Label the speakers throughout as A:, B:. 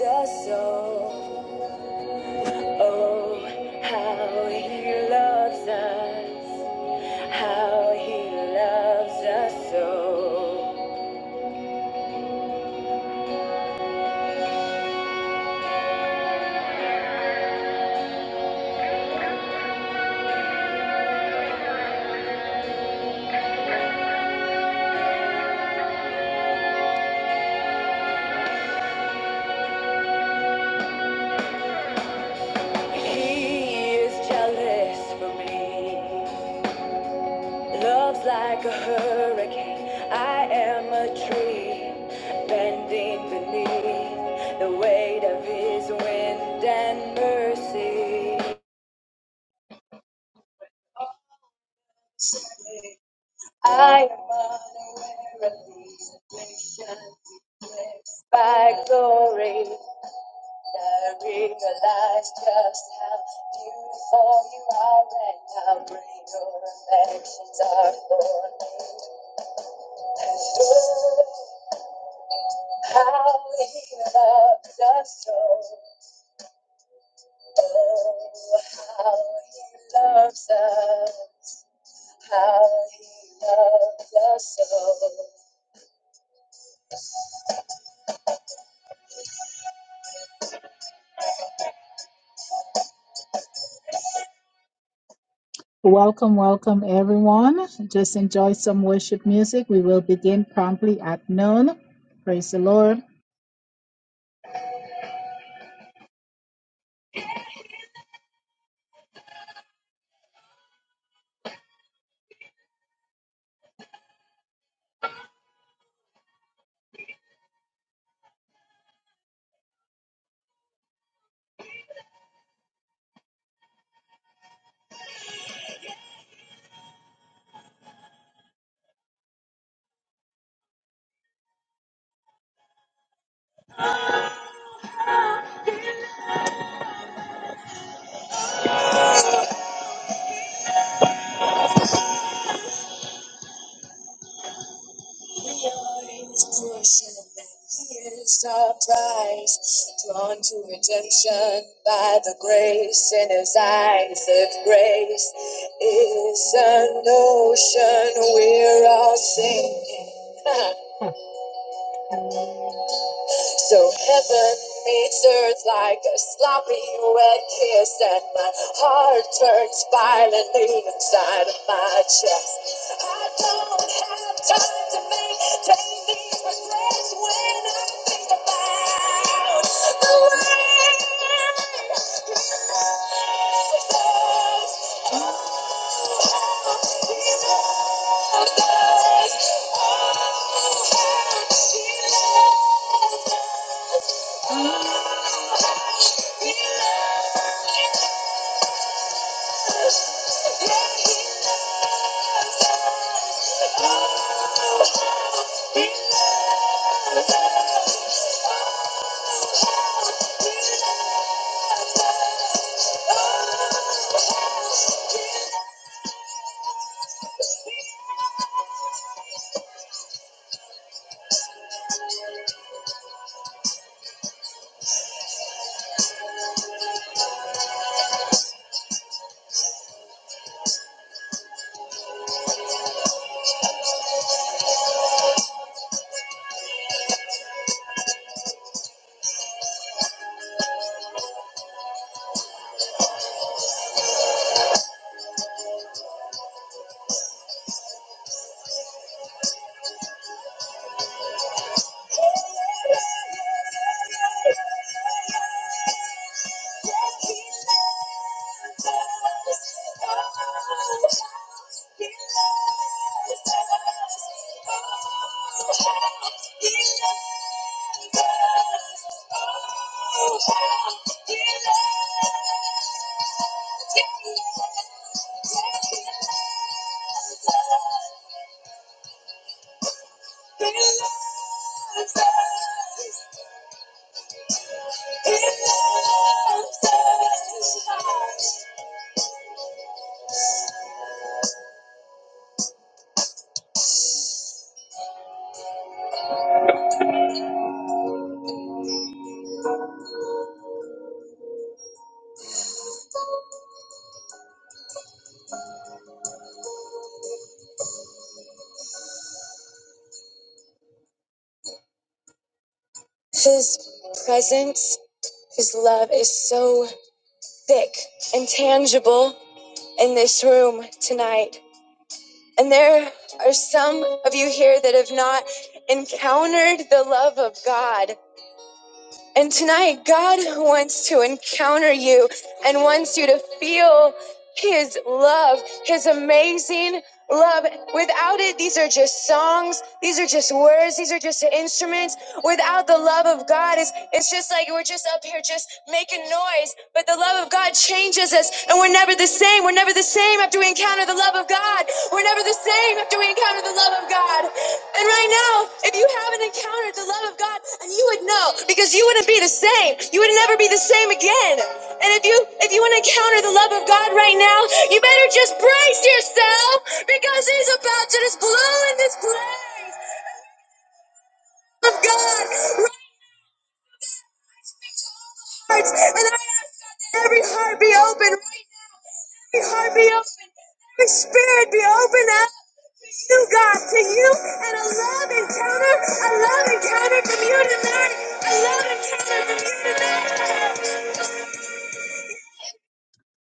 A: us, oh, oh, how he loves us, how he loves us, oh. He is jealous for me, loves like a hurricane. I am a tree, bending beneath the weight of his wind and mercy. I am unaware of these afflictions eclipsed by glory. I realize just how beautiful you are and how great your affections are for me. And oh, how he loves us so. Oh, how he loves us. How he loves us so. Welcome, welcome everyone. Just enjoy some worship music. We will begin promptly at noon. Praise the Lord. We our prize, drawn to redemption by the grace in his eyes. His grace is an ocean we're all sinking. So heaven meets earth like a sloppy wet kiss, and my heart turns violently inside of my chest. I don't have time to maintain these regrets when I think about the way us. us. Oh, how he loved us. Yeah. he His presence, his love is so thick and tangible in this room tonight. And there are some of you here that have not encountered the love of God. And tonight, God wants to encounter you and wants you to feel His love, His amazing love. Without it, these are just songs, these are just words, these are just instruments. Without the love of God, it's, it's just like we're just up here just making noise. But the love of God changes us, and we're never the same. We're never the same after we encounter the love of God. We're never the same after we encounter the love of God. And right now, if you haven't encountered the love of God, and you would know because you wouldn't be the same. You would never be the same again. And if you if you want to encounter the love of God right now, you better just brace yourself because He's about to just blow in this place. Hearts, And let every heart be open Every heart be open. Every spirit be open up to you, God, to you, and a love encounter, a love encounter community, Lord, a love encounter community.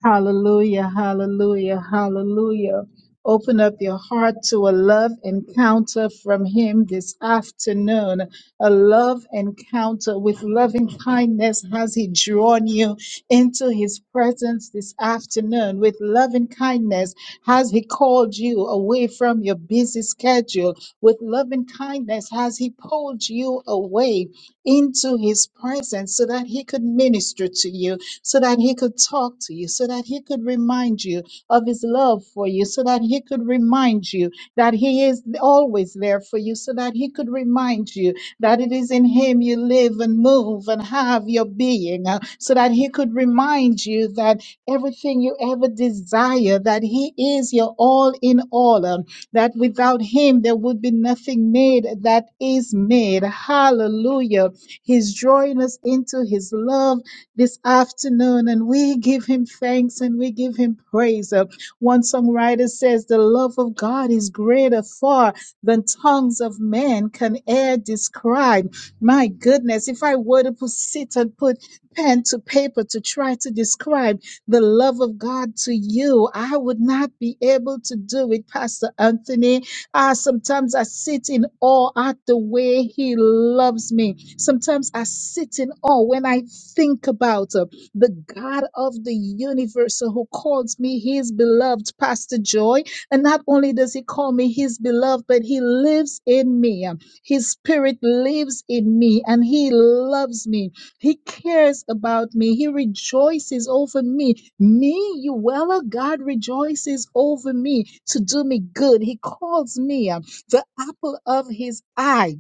A: Hallelujah, hallelujah, hallelujah. Open up your heart to a love encounter from Him this afternoon. A love encounter with loving kindness has He drawn you into His presence this afternoon. With loving kindness has He called you away from your busy schedule. With loving kindness has He pulled you away into His presence so that He could minister to you so that he could talk to you, so that he could remind you of his love for you, so that he could remind you that he is always there for you, so that he could remind you that it is in him you live and move and have your being, uh, so that he could remind you that everything you ever desire, that he is your all in all, um, that without him there would be nothing made that is made. Hallelujah. He's drawing us into his love this afternoon, and we give him thanks and we give him praise. Uh, One songwriter says, The love of God is greater far than tongues of men can e'er describe. My goodness, if I were to put, sit and put pen to paper to try to describe the love of God to you, I would not be able to do it, Pastor Anthony. Ah, sometimes I sit in awe at the way He loves me. Sometimes I sit in awe when I think about uh, the God of the universe uh, who calls me His beloved, Pastor Joy. And not only does He call me His beloved, but He lives in me. Um, His spirit lives in me and He loves me. He cares about me. He rejoices over me me, Uella, God rejoices over me to do me good. He calls me uh, the apple of his eye.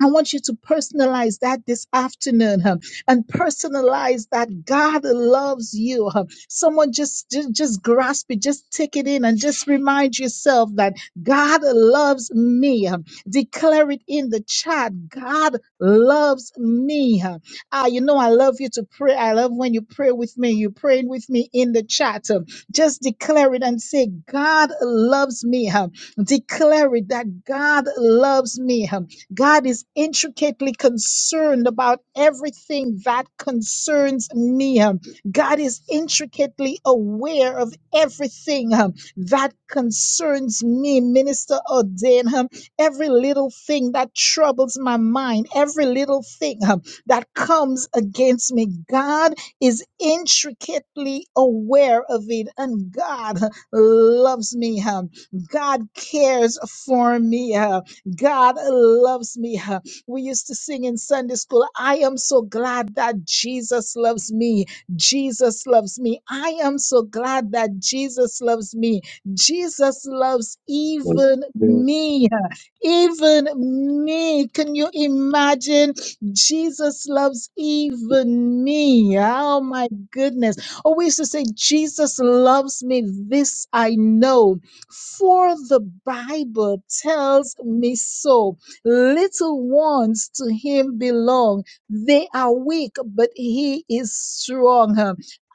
A: I want you to personalize that this afternoon huh, and personalize that God loves you. huh. Someone just, just just grasp it, just take it in and just remind yourself that God loves me. huh. Declare it in the chat. God loves me. huh. Ah, you know I love you to pray. I love when you pray with me. You're praying with me in the chat. huh. Just declare it and say, God loves me. huh. Declare it that God loves me. huh God is intricately concerned about everything that concerns me. Um, God is intricately aware of everything um, that concerns me, Minister Ordain. um, Every little thing that troubles my mind, every little thing um, that comes against me, God is intricately aware of it. And God huh, loves me. um, God cares for me. um, God loves me. huh? We used to sing in Sunday school, I am so glad that Jesus loves me. Jesus loves me. I am so glad that Jesus loves me. Jesus loves even
B: Well,
A: me. huh? Even me. Can you imagine? Jesus loves even me. Oh my goodness. Oh, we used to say, Jesus loves me. This I know. For the Bible tells me so. Little ones to him belong. They are weak, but he is strong.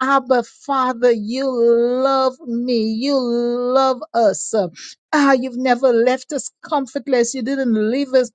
A: Abba, Father, you love me. You love us. Ah, you've never left us comfortless. You didn't leave us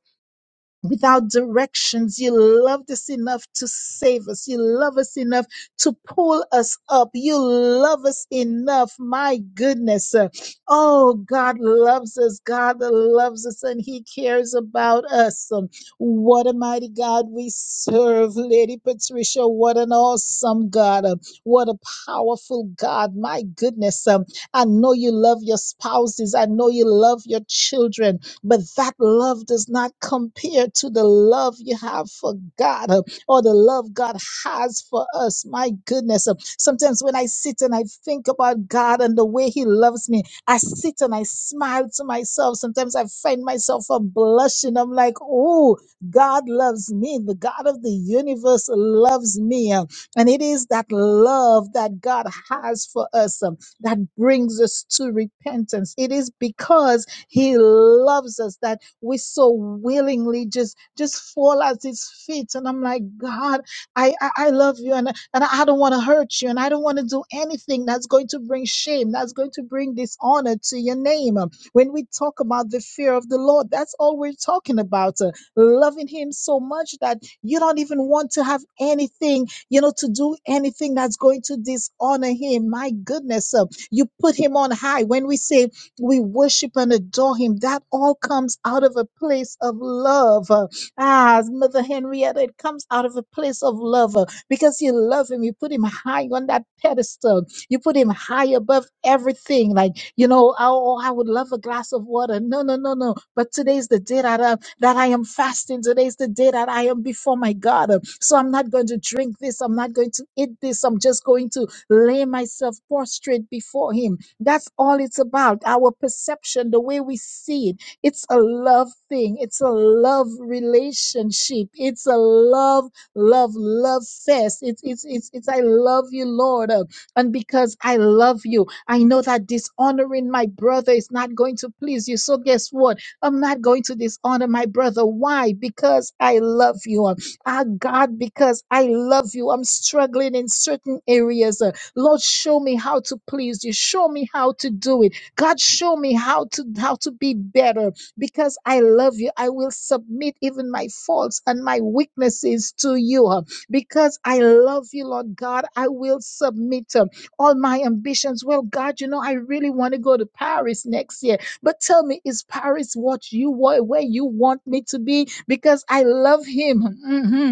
A: without directions. You loved us enough to save us. You love us enough to pull us up. You love us enough. My goodness. Uh, Oh, God loves us. God loves us and He cares about us. Um, What a mighty God we serve, Lady Patricia. What an awesome God. Uh, What a powerful God. My goodness. Um, I know you love your spouses. I know you love your children. But that love does not compare to the love you have for God uh, or the love God has for us. My goodness. uh, Sometimes when I sit and I think about God and the way He loves me, I sit and I smile to myself. Sometimes I find myself uh, blushing. I'm like, oh, God loves me. The God of the universe loves me. uh, And it is that love that God has for us um, that brings us to repentance. It is because he loves us that we so willingly just just fall at his feet. And I'm like, God, I I, I love you and, and I don't want to hurt you and I don't want to do anything that's going to bring shame, that's going to bring dishonor to your name. Um, When we talk about the fear of the Lord, that's all we're talking about. uh, loving him so much that you don't even want to have anything you know, to do anything that's going to dishonor him. My goodness, uh, you put him on high. When we say we worship and adore him. That all comes out of a place of love. Uh, Ah, as Mother Henrietta, it comes out of a place of love uh, because you love him. You put him high on that pedestal. You put him high above everything. Like, you know, oh, oh, I would love a glass of water. No, no, no, no. But today's the day that I, that I am fasting. Today's the day that I am before my God. Uh, So I'm not going to drink this. I'm not going to eat this. I'm just going to lay myself prostrate before him that's all it's about. Our perception, the way we see it, it's a love thing. It's a love relationship. It's a love, love, love fest. It's it's it's it's I love you, Lord, uh, and because I love you, I know that dishonoring my brother is not going to please you. So guess what? I'm not going to dishonor my brother. Why? Because I love you. Uh, Ah, God, because I love you. I'm struggling in certain areas. uh, Lord, show me how to please you. Show me how to do it. God, show me how to how to be better because I love you. I will submit even my faults and my weaknesses to you because I love you, Lord God. I will submit um, all my ambitions. Well, God, you know, I really want to go to Paris next year, but tell me, is Paris what you want, where you want me to be? Because I love Him. Mhm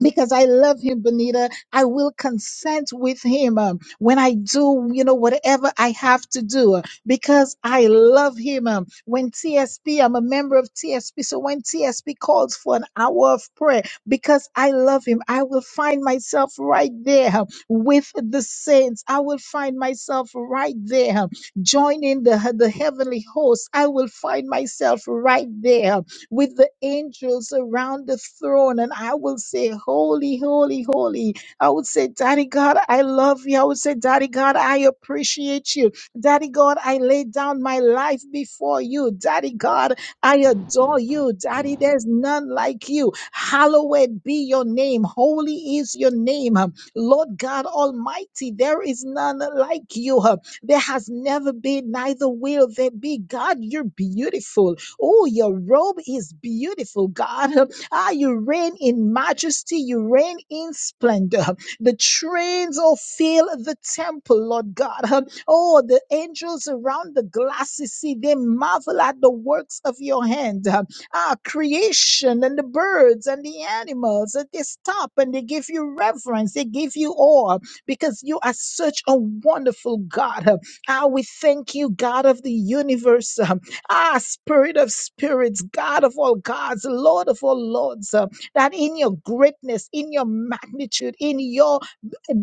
A: because I love him, Benita. I will consent with him um, when I do, you know, whatever I have to do uh, because I love him. um. when TSP, I'm a member of TSP. So when TSP calls for an hour of prayer, because I love him, I will find myself right there um, with the saints. I will find myself right there um, joining the, the heavenly host. I will find myself right there um, with the angels around the throne. And I will say, Holy, holy, holy. I would say, Daddy God, I love you. I would say, Daddy God, I appreciate you. Daddy God, I lay down my life before you. Daddy God, I adore you. Daddy, there's none like you. Hallowed be your name. Holy is your name. Um, Lord God Almighty, there is none like you. Um, There has never been, neither will there be. God, you're beautiful. Oh, your robe is beautiful, God. Ah, you reign in majesty, you reign in splendor. The trains all fill the temple, Lord God. Oh, the angels around the glasses see they marvel at the works of your hand. Ah, creation and the birds and the animals, and they stop and they give you reverence, they give you awe because you are such a wonderful God. Ah, we thank you, God of the universe. Ah, Spirit of spirits, God of all gods, Lord of all lords, uh, that in your greatness, in your magnitude, in your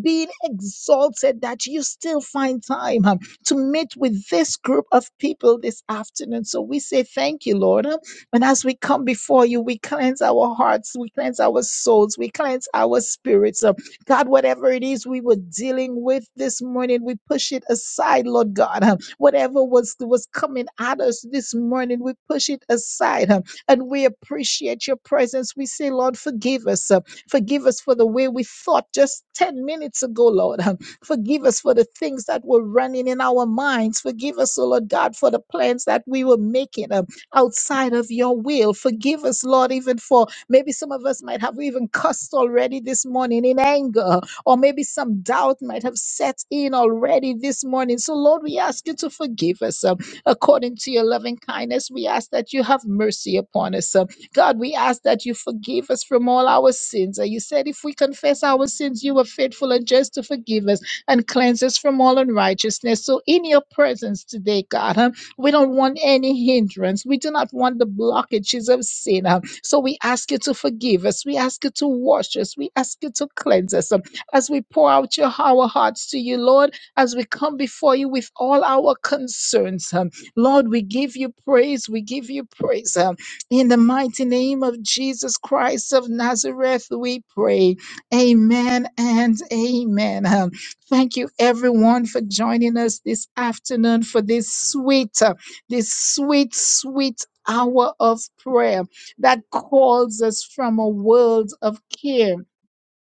A: being exalted, that you still find time um, to meet with this group of people this afternoon. So we say thank you, Lord. um, And as we come before you, we cleanse our hearts, we cleanse our souls, we cleanse our spirits. uh, God, whatever it is we were dealing with this morning, we push it aside, Lord God. Um, Whatever was, was coming at us this morning, we push it aside. um, And we appreciate your presence. We say, Lord, forgive us. uh, Forgive us for the way we thought just 10 minutes ago, Lord. um, Forgive us for the things that were running in our minds. Forgive us, oh Lord God, for the plans that we were making um, outside of your will. Forgive us, Lord, even for Maybe some of us might have even cussed already this morning in anger, or maybe some doubt might have set in already this morning. So, Lord, we ask you to forgive us uh, according to your loving kindness. We ask that you have mercy upon us. uh, God, we ask that you forgive us from all our sins. Uh, You said if we confess our sins, you are faithful and just to forgive us and cleanse us from all unrighteousness. So, in your presence today, God, huh, we don't want any hindrance. We do not want the blockages of sin. huh, so we ask you to forgive us. We ask you to wash us. We ask you to cleanse us. um, As we pour out your, our hearts to you, Lord, as we come before you with all our concerns, um, Lord, we give you praise. We give you praise. um, In the mighty name of Jesus Christ of Nazareth, we pray. Amen and amen. Um, Thank you, everyone, for joining us this afternoon for this sweet, uh, this sweet, sweet hour of prayer that calls us from a world of care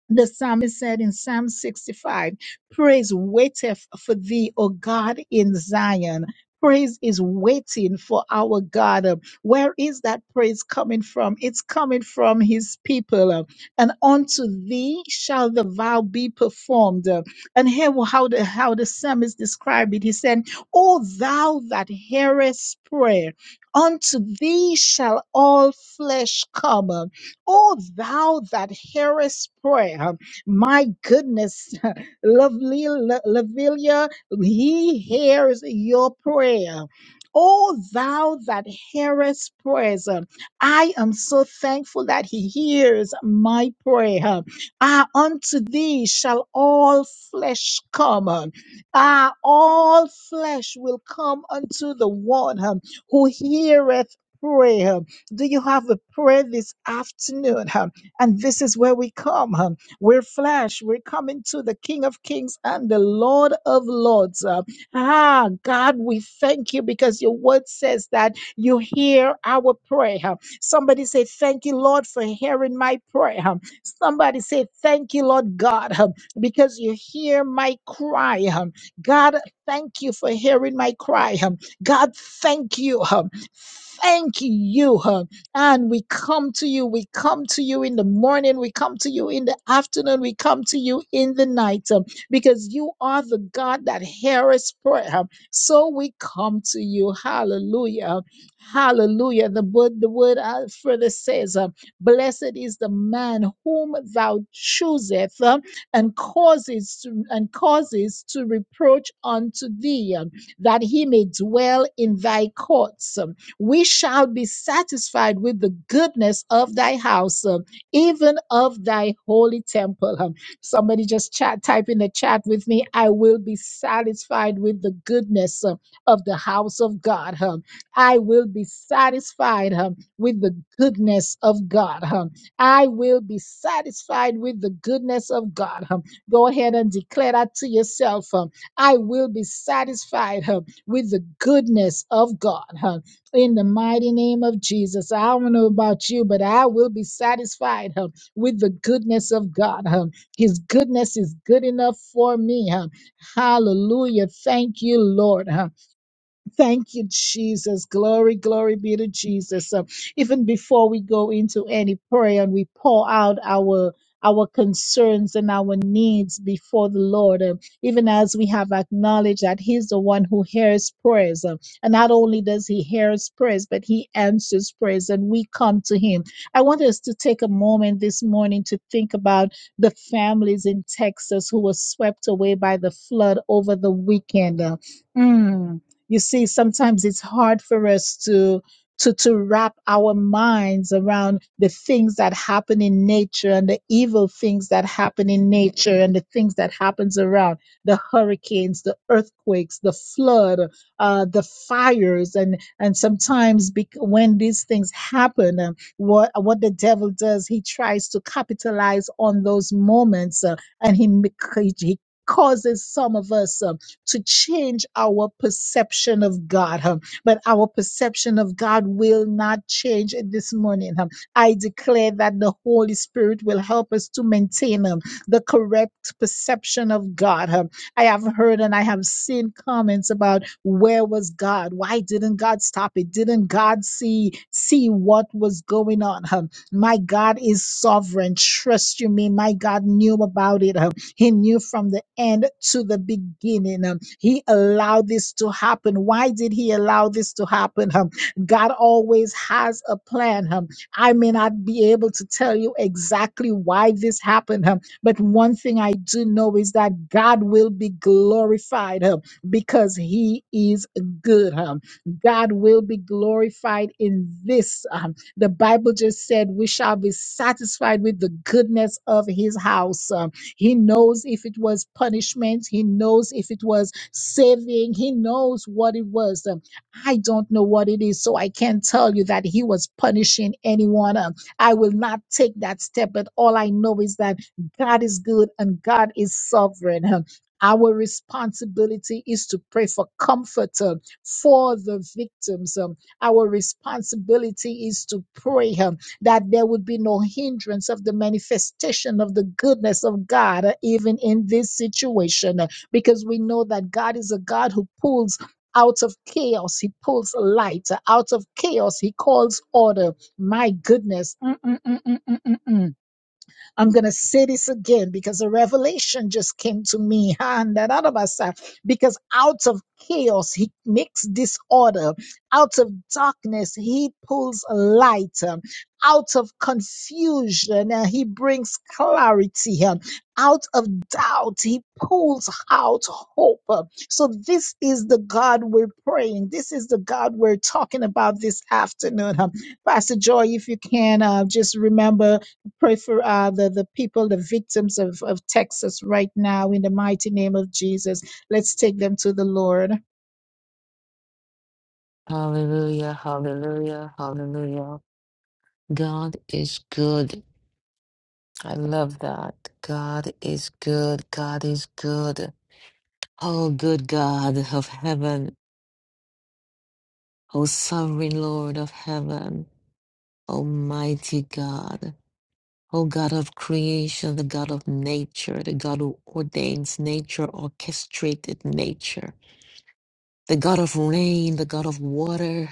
A: the psalmist said in Psalm 65, Praise waiteth for thee, O God in Zion. Praise is waiting for our God. Uh, Where is that praise coming from? It's coming from his people. Uh, And unto thee shall the vow be performed. Uh, And here wa- how the how the psalmist described it. He said, O thou that hearest prayer, unto thee shall all flesh come. O thou that hearest prayer, my goodness, lovely La- Lavilia, he hears your prayer. O thou that hearest prayers, I am so thankful that he hears my prayer. Ah, unto thee shall all flesh come. Ah, all flesh will come unto the one who heareth prayer. Do you have a prayer this afternoon? huh? And this is where we come. huh? We're flesh. We're coming to the King of Kings and the Lord of Lords. huh? Ah, God, we thank you because your word says that you hear our prayer. huh? Somebody say, Thank you, Lord, for hearing my prayer. huh? Somebody say, Thank you, Lord God, huh, because you hear my cry. huh? God, thank you for hearing my cry. huh? God, thank you. huh, Thank you. huh. And we come to you. We come to you in the morning. We come to you in the afternoon. We come to you in the night huh, because you are the God that heareth prayer. huh. So we come to you. Hallelujah. Hallelujah. The word, the word uh, further says, uh, Blessed is the man whom thou chooseth uh, and causes to, and causes to reproach unto thee, uh, that he may dwell in thy courts we shall be satisfied with the goodness of thy house, um, even of thy holy temple. Um, Somebody just chat, type in the chat with me. I will be satisfied with the goodness um, of the house of God. Um, I will be satisfied um, with the goodness of God. Um, I will be satisfied with the goodness of God. Um, Go ahead and declare that to yourself. um, I will be satisfied um, with the goodness of God. Um, in the mighty name of Jesus. I don't know about you, but I will be satisfied huh, with the goodness of God. huh. His goodness is good enough for me. huh. Hallelujah. Thank you, Lord. huh. Thank you, Jesus. Glory, glory be to Jesus. Um, even before we go into any prayer and we pour out our our concerns and our needs before the Lord, um, even as we have acknowledged that He's the one who hears prayers, um, and not only does He hear prayers, but He answers prayers, and we come to Him. I want us to take a moment this morning to think about the families in Texas who were swept away by the flood over the weekend. Uh, mm you see sometimes it's hard for us to to to wrap our minds around the things that happen in nature and the evil things that happen in nature and the things that happens around the hurricanes the earthquakes the flood uh, the fires and and sometimes bec- when these things happen um, what what the devil does he tries to capitalize on those moments uh, and he, make- he he causes some of us uh, to change our perception of God, huh? but our perception of God will not change this morning. huh? I declare that the Holy Spirit will help us to maintain um, the correct perception of God. huh? I have heard and I have seen comments about where was God? Why didn't God stop it? Didn't God see see what was going on? huh? My God is sovereign. Trust you me. My God knew about it. Huh? He knew from the end to the beginning. Um, He allowed this to happen. Why did he allow this to happen? Um, God always has a plan. Um, I may not be able to tell you exactly why this happened, um, but one thing I do know is that God will be glorified um, because he is good. um. God will be glorified in this. um, the Bible just said we shall be satisfied with the goodness of his house. um, he knows if it was punishment. He knows if it was saving. He knows what it was. Um, I don't know what it is, so I can't tell you that he was punishing anyone. Um, I will not take that step, but all I know is that God is good and God is sovereign. Um, Our responsibility is to pray for comfort um, for the victims. Um, Our responsibility is to pray. um, that there would be no hindrance of the manifestation of the goodness of God, uh, even in this situation, uh, because we know that God is a God who pulls. Out of chaos, he pulls light. Out of chaos, he calls order. My goodness. Mm, mm, mm, mm, mm, mm, mm. mm. I'm going to say this again because a revelation just came to me. And that other side, because out of chaos, he makes disorder. Out of darkness, he pulls light. um, Out of confusion, uh, he brings clarity. um, Out of doubt, he pulls out hope. um. So, this is the God we're praying. This is the God we're talking about this afternoon. um. Pastor Joy, if you can, uh, just remember Pray for uh, the, the people, the victims of, of Texas right now in the mighty name of Jesus. Let's take them to the Lord.
C: Hallelujah, hallelujah, hallelujah. God is good. I love that. God is good. God is good. Oh, good God of heaven. Oh, sovereign Lord of heaven. Almighty God. Oh, God of creation, the God of nature, the God who ordains nature, orchestrated nature, the God of rain, the God of water.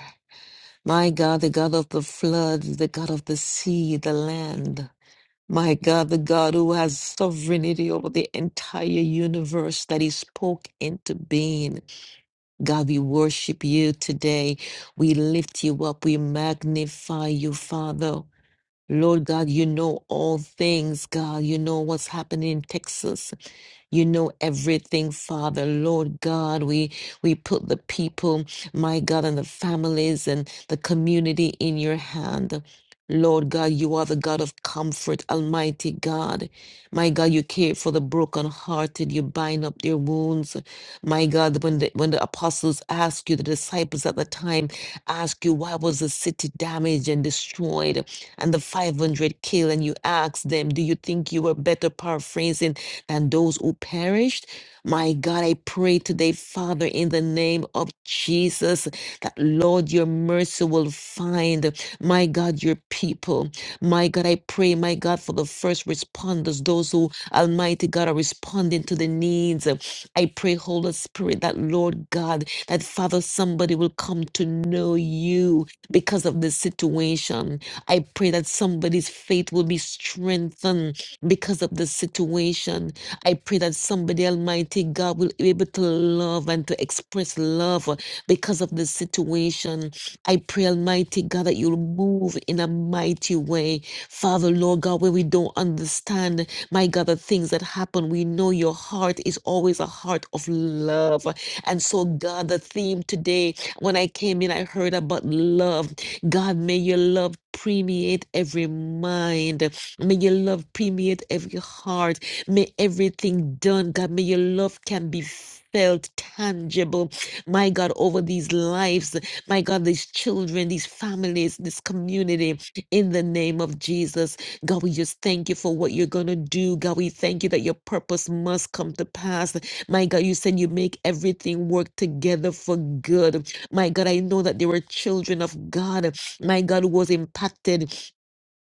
C: My God, the God of the flood, the God of the sea, the land. My God, the God who has sovereignty over the entire universe that He spoke into being. God, we worship you today. We lift you up. We magnify you, Father. Lord God, you know all things, God. You know what's happening in Texas. You know everything, Father, Lord God. We we put the people, my God, and the families and the community in your hand. Lord God, you are the God of comfort, Almighty God. My God, you care for the brokenhearted. You bind up their wounds. My God, when the, when the apostles ask you, the disciples at the time ask you, why was the city damaged and destroyed and the 500 killed? And you ask them, do you think you were better paraphrasing? and those who perished. My God, I pray today, Father, in the name of Jesus, that Lord, your mercy will find, my God, your people. My God, I pray, my God, for the first responders, those who, Almighty God, are responding to the needs. I pray, Holy Spirit, that Lord God, that Father, somebody will come to know you because of this situation. I pray that somebody's faith will be strengthened because of the situation. I pray that somebody, Almighty God, will be able to love and to express love uh, because of this situation. I pray, Almighty God, that you'll move in a mighty way. Father, Lord God, where we don't understand, my God, the things that happen, we know your heart is always a heart of love. And so, God, the theme today, when I came in, I heard about love. God, may your love permeate every mind. May your love permeate every heart. May everything done, God, may your love can be felt, tangible, my God, over these lives, my God, these children, these families, this community, in the name of Jesus. God, we just thank you for what you're going to do. God, we thank you that your purpose must come to pass. My God, you said you make everything work together for good. My God, I know that there were children of God, my God, who was impacted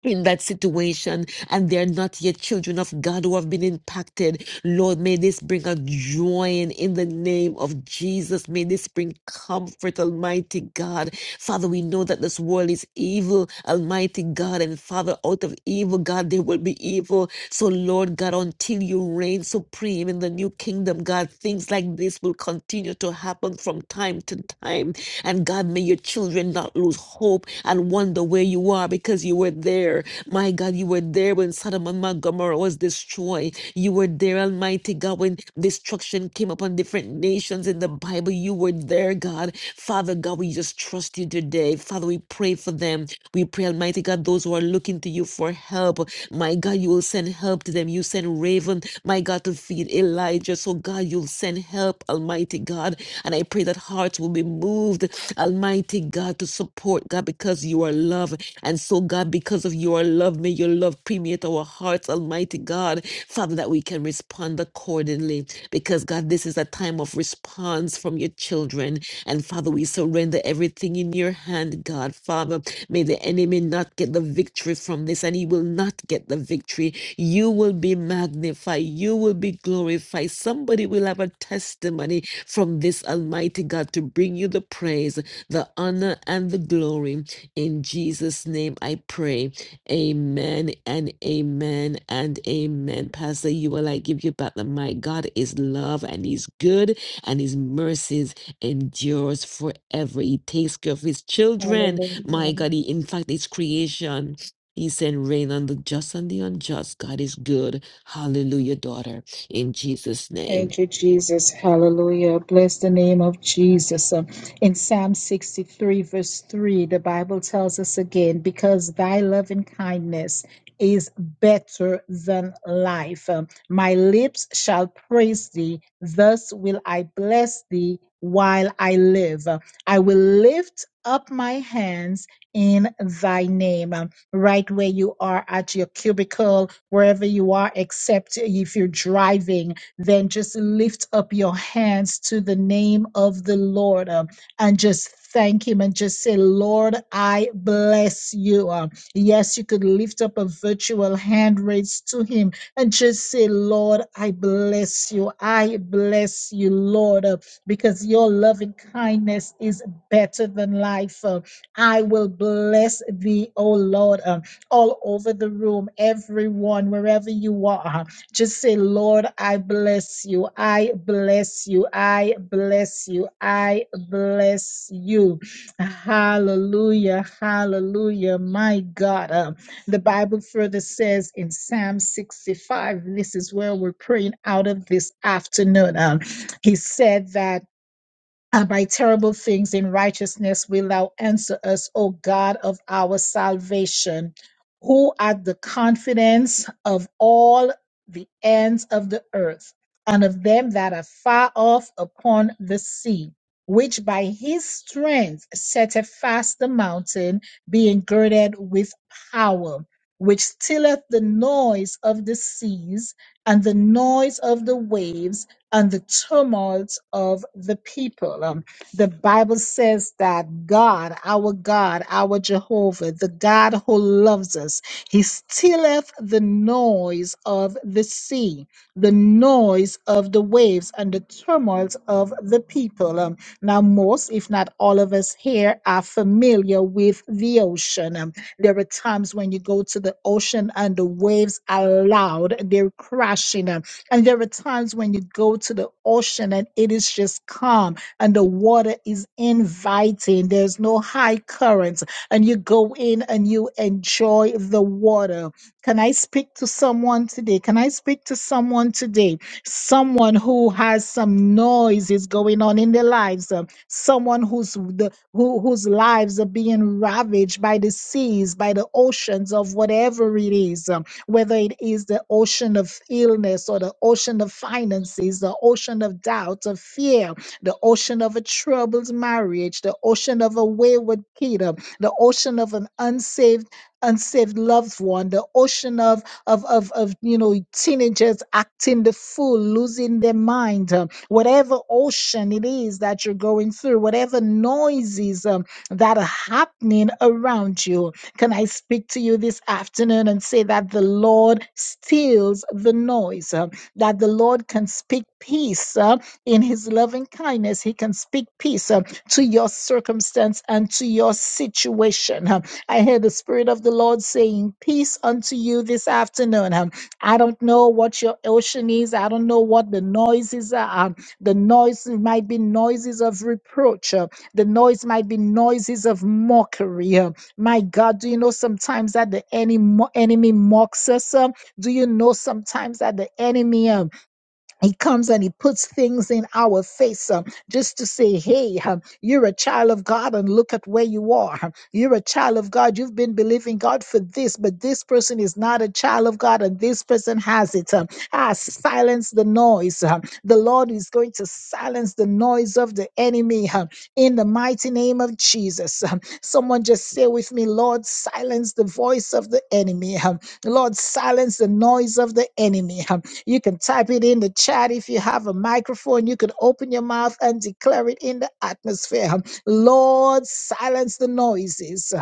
C: in that situation and they're not yet children of God who have been impacted. Lord, may this bring a joy in, in the name of Jesus. May this bring comfort, Almighty God. Father, we know that this world is evil, Almighty God. And Father, out of evil, God, there will be evil. So, Lord God, until you reign supreme in the new kingdom, God, things like this will continue to happen from time to time. And God, may your children not lose hope and wonder where you are because you were there. My God, you were there when Sodom and Gomorrah was destroyed. You were there, Almighty God, when destruction came upon different nations in the Bible. You were there, God. Father God, we just trust you today. Father, we pray for them. We pray, Almighty God, those who are looking to you for help. My God, you will send help to them. You send raven, my God, to feed Elijah. So, God, you'll send help, Almighty God. And I pray that pray that hearts will be moved, Almighty God, to support, God, because you are love. And so, God, because of your love, may your love permeate our hearts, Almighty God, Father, that we can respond accordingly. Because, God, this is a time of response from your children. And, Father, we surrender everything in your hand, God. Father, may the enemy not get the victory from this, and he will not get the victory. You will be magnified. You will be glorified. Somebody will have a testimony from this Almighty God to bring you the praise, the honor, and the glory. In Jesus' name I pray. Amen and amen and amen. Pastor, you will I give you back the mic. God is love and He's good and His mercies endures forever. He takes care of His children. My
A: Hallelujah.
C: God, He in fact His creation. He sent rain on the just and the unjust. God is good. Hallelujah, daughter. In Jesus' name.
A: Thank you, Jesus. Hallelujah. Bless the name of Jesus. Um, In Psalm 63, verse 3, the Bible tells us again, because thy loving kindness is better than life. Um, My lips shall praise thee. Thus will I bless thee while I live. Uh, I will lift up my hands in thy name. Um, Right where you are at your cubicle, wherever you are, except if you're driving then just lift up your hands to the name of the Lord uh, and just thank Him and just say, Lord, I bless you. Uh, yes, you could lift up a virtual hand raised to Him and just say, Lord, I bless you. I bless you, Lord, uh, because your loving kindness is better than life. Uh, I will bless thee, O Lord, uh, all over the room, everyone, wherever you are. Just say, Lord, I bless you. I bless you. I bless you. I bless you. Hallelujah. Hallelujah. My God. Um, the Bible further says in Psalm 65, this is where we're praying out of this afternoon. Um, he said that and by terrible things in righteousness will thou answer us, O God of our salvation, who art the confidence of all the ends of the earth, and of them that are far off upon the sea, which by his strength setteth fast the mountain, being girded with power, which stilleth the noise of the seas and the noise of the waves and the tumult of the people. Um, the Bible says that God, our God, our Jehovah, the God who loves us, he stilleth the noise of the sea, the noise of the waves, and the tumult of the people. Um, now, most, if not all of us here, are familiar with the ocean. Um, there are times when you go to the ocean and the waves are loud, they're crashing. Um, and there are times when you go to the ocean and it is just calm and the water is inviting. There's no high currents and you go in and you enjoy the water. Can I speak to someone today? Can I speak to someone today? Someone who has some noises going on in their lives, uh, someone who's the, who, whose lives are being ravaged by the seas, by the oceans of whatever it is. Um, whether it is the ocean of illness or the ocean of finances, the ocean of doubt, of fear, the ocean of a troubled marriage, the ocean of a wayward kid, um, the ocean of an unsaved unsaved loved one, the ocean of of of, of you know teenagers acting the fool, losing their mind, um, whatever ocean it is that you're going through, whatever noises um, that are happening around you can I speak to you this afternoon and say that the Lord steals the noise, uh, that the Lord can speak peace uh, in his loving kindness? He can speak peace uh, to your circumstance and to your situation. uh. I hear the Spirit of the Lord saying, Peace unto you this afternoon. um. I don't know what your ocean is, I don't know what the noises are. um. The noise might be noises of reproach. uh, the noise might be noises of mockery. huh? My God, do you know sometimes that the enemy enemy mocks us? um, do you know sometimes that the enemy um, he comes and he puts things in our face um, just to say, hey, um, you're a child of God and look at where you are. Um, You're a child of God. You've been believing God for this, but this person is not a child of God and this person has it. Um, ah, silence the noise. Um, the Lord is going to silence the noise of the enemy um, in the mighty name of Jesus. Um, someone just say with me, Lord, silence the voice of the enemy. Um, Lord, silence the noise of the enemy. um, you can type it in the chat if you have a microphone. You can open your mouth and declare it in the atmosphere. Lord, silence the noises.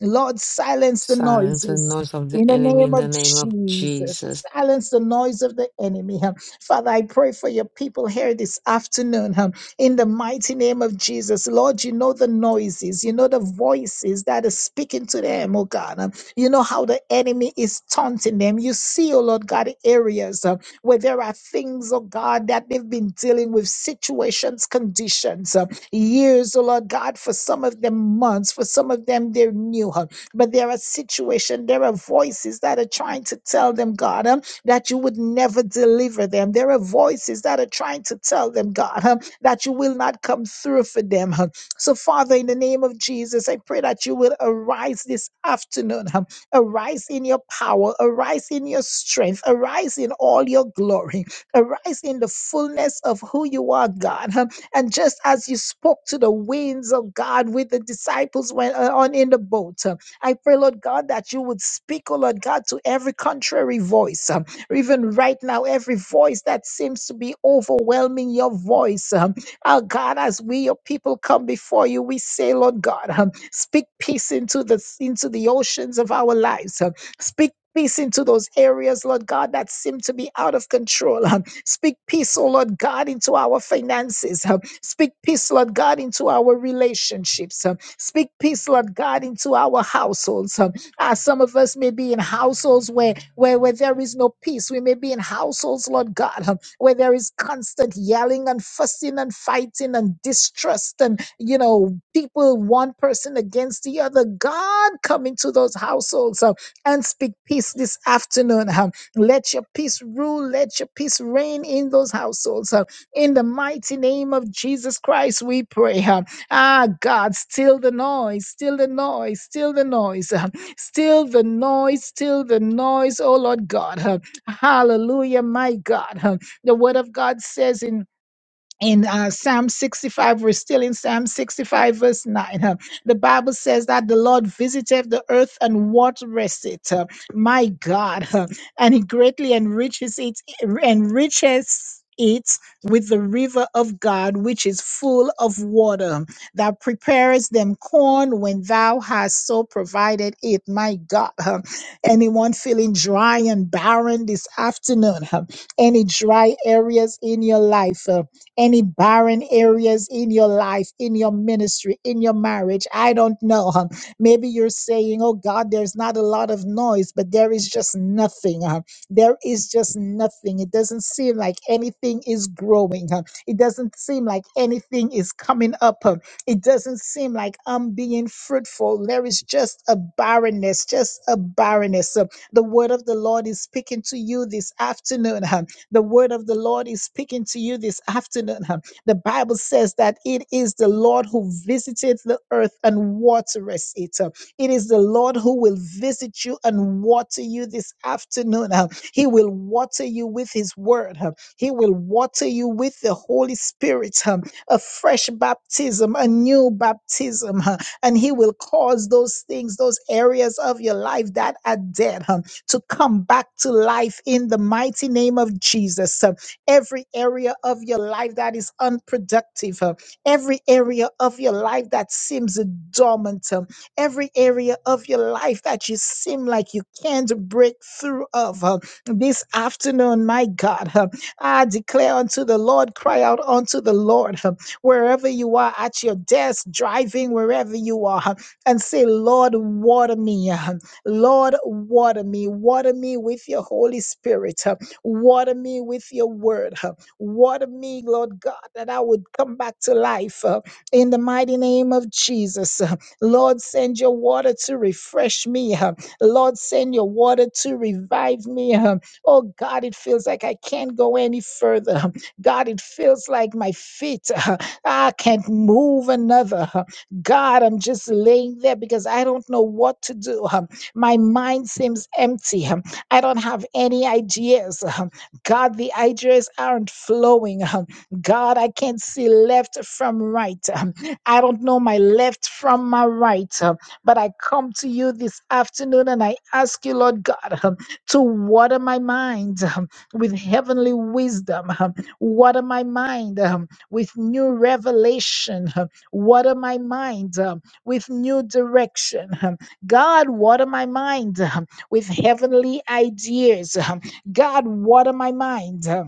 A: Lord, silence the
C: Silence the
A: noises.
C: noise of
A: In
C: the
A: the
C: enemy
A: name
C: in the
A: of
C: name of
A: Jesus,
C: Jesus.
A: silence the noise of the enemy. Father, I pray for your people here this afternoon. In the mighty name of Jesus, Lord, you know the noises, you know the voices that are speaking to them, oh God. You know how the enemy is taunting them. You see, oh Lord God, areas. uh, where there are things, oh God, that they've been dealing with, situations, conditions, uh, years, oh Lord God, for some of them months, for some of them they're new, huh, but there are situations, there are voices that are trying to tell them, God, um, that you would never deliver them. There are voices that are trying to tell them, God, um, that you will not come through for them. huh. So, Father, in the name of Jesus, I pray that you will arise this afternoon. huh, Arise in your power, arise in your strength, arise in all your glory, arise in the fullness of who you are, God. Um, And just as you spoke to the winds of God with the disciples when uh, on in the boat, um, I pray, Lord God, that you would speak, oh Lord God, to every contrary voice. um, or Even right now, every voice that seems to be overwhelming your voice. um, our God, as we, your people, come before you, we say, Lord God, um, speak peace into the into the oceans of our lives. um, speak peace into those areas, Lord God, that seem to be out of control. um, speak peace, oh Lord God, into our finances. um, speak peace, Lord God, into our relationships. um, speak peace, Lord God, into our households. um, uh, some of us may be in households where, where where there is no peace. We may be in households, Lord God, um, where there is constant yelling and fussing and fighting and distrust and, you know, people, one person against the other. God, come into those households uh, and speak peace this afternoon. um, let your peace rule. Let your peace reign in those households. uh, in the mighty name of Jesus Christ, we pray. um, Ah, God, still the noise, still the noise, still the noise, um, still the noise, still the noise. Oh, Lord God. um, Hallelujah, my God. uh, the word of God says in in uh, Psalm 65, we're still in Psalm 65, verse 9. uh, The Bible says that the Lord visiteth the earth and watereth it. uh, My God. uh, And he greatly enriches it, enriches it with the river of God, which is full of water, that prepares them corn when thou hast so provided it. My God. uh, Anyone feeling dry and barren this afternoon? uh, Any dry areas in your life? uh, any barren areas in your life, in your ministry, in your marriage. I don't know. huh. Maybe you're saying, oh God, there's not a lot of noise, but there is just nothing. huh. There is just nothing. It doesn't seem like anything is growing. huh. It doesn't seem like anything is coming up. huh. It doesn't seem like I'm being fruitful. There is just a barrenness, just a barrenness. So the word of the Lord is speaking to you this afternoon. The word of the Lord is speaking to you this afternoon. huh. The Bible says that it is the Lord who visiteth the earth and watereth it. huh. It is the Lord who will visit you and water you this afternoon. huh. He will water you with His word. huh. He will water you with the Holy Spirit, huh. a fresh baptism, a new baptism. huh. And He will cause those things, those areas of your life that are dead. huh, to come back to life in the mighty name of Jesus. Uh, Every area of your life that is unproductive, uh, every area of your life that seems dormant, um, every area of your life that you seem like you can't break through of. uh, This afternoon, my God, uh, I declare unto the Lord, cry out unto the Lord, uh, wherever you are at your desk, driving, wherever you are, uh, and say, Lord, water me. uh, Lord, water me, water me with your Holy Spirit, uh, water me with your word, uh, water me, Lord God, that I would come back to life uh, in the mighty name of Jesus. uh, Lord, send your water to refresh me. uh, Lord, send your water to revive me. uh, Oh God, it feels like I can't go any further. Uh, God, it feels like my feet, uh, I can't move another. Uh, God, I'm just laying there because I don't know what to do. Um, my mind seems empty. um, I don't have any ideas. um, God, the ideas aren't flowing. um, God, I can't see left from right. um, I don't know my left from my right. um, But I come to you this afternoon and I ask you, Lord God, um, to water my mind um, with heavenly wisdom. um, Water my mind um, with new revelation. um, Water my mind um, with new direction. Um, God, water my mind um, with heavenly ideas. um, God, water my mind. um,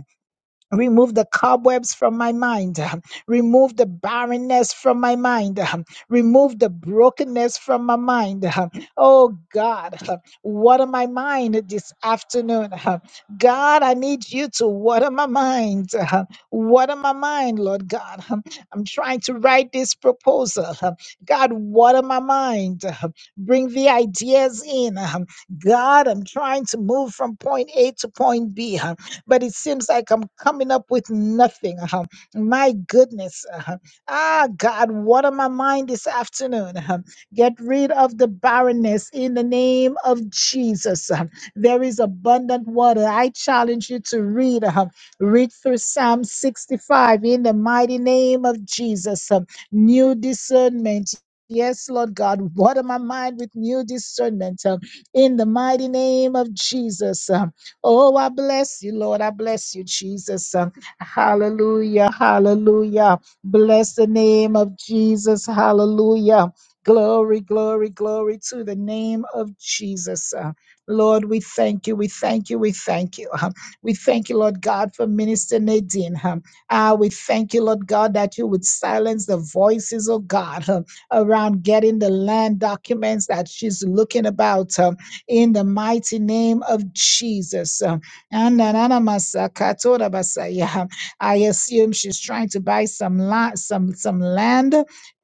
A: Remove the cobwebs from my mind. Remove the barrenness from my mind. Remove the brokenness from my mind. Oh God, water my mind this afternoon. God, I need you to water my mind. Water my mind, Lord God. I'm trying to write this proposal. God, water my mind. Bring the ideas in. God, I'm trying to move from point A to point B. but it seems like I'm coming up with nothing. Uh-huh. My goodness. Uh-huh. Ah, God, what on my mind this afternoon? Uh-huh. Get rid of the barrenness in the name of Jesus. Uh-huh. There is abundant water. I challenge you to read. Uh-huh. Read through Psalm 65 in the mighty name of Jesus. Uh, New discernment. Yes, Lord God, water my mind with new discernment uh, in the mighty name of Jesus. Um, Oh, I bless you, Lord. I bless you, Jesus. Uh, Hallelujah. Hallelujah. Bless the name of Jesus. Hallelujah. Glory, glory, glory to the name of Jesus. Uh, Lord, we thank you. We thank you. We thank you. Um, we thank you, Lord God, for Minister Nadine. Um, ah, we thank you, Lord God, that you would silence the voices, oh God, um, around getting the land documents that she's looking about. Uh, in the mighty name of Jesus. Uh, Ananamamasakatorabasaya. I assume she's trying to buy some lot, some some land.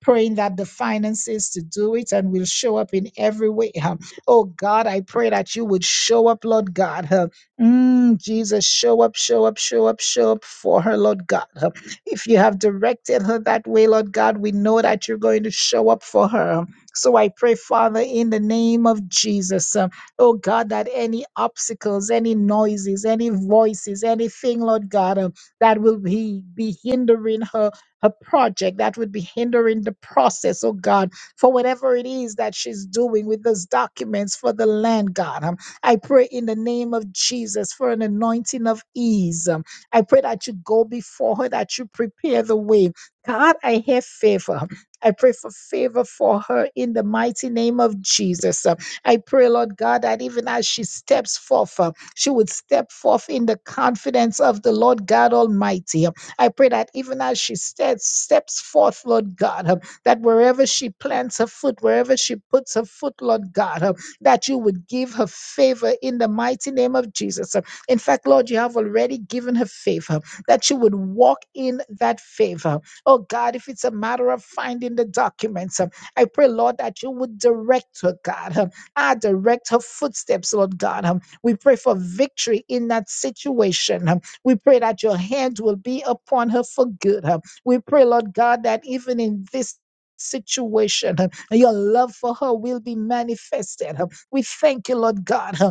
A: Praying that the finances to do it and will show up in every way. huh. Oh God, I pray that you would show up, Lord God. huh. Mm, Jesus, show up, show up, show up, show up for her, Lord God. huh. If you have directed her that way, Lord God, we know that you're going to show up for her. So I pray, Father, in the name of Jesus. uh, Oh God, that any obstacles, any noises, any voices, anything, Lord God, um, that will be, be hindering her, her project, that would be hindering the process, oh God, for whatever it is that she's doing with those documents for the land, God. Um, I pray in the name of Jesus for an anointing of ease. Um, I pray that you go before her, that you prepare the way. God, I have favor. um, I pray for favor for her in the mighty name of Jesus. uh, I pray, Lord God, that even as she steps forth, uh, she would step forth in the confidence of the Lord God Almighty. I pray that even as she steps, steps forth, Lord God, uh, that wherever she plants her foot, wherever she puts her foot, Lord God, uh, that you would give her favor in the mighty name of Jesus. Uh, In fact, Lord, you have already given her favor, that she would walk in that favor. Oh God, if it's a matter of finding the documents, uh, I pray, Lord, that you would direct her, God. uh, I direct her footsteps, Lord God. Um, We pray for victory in that situation. Um, We pray that your hand will be upon her for good. Um, We pray, Lord God, that even in this situation, um, your love for her will be manifested. Um, We thank you, Lord God. um,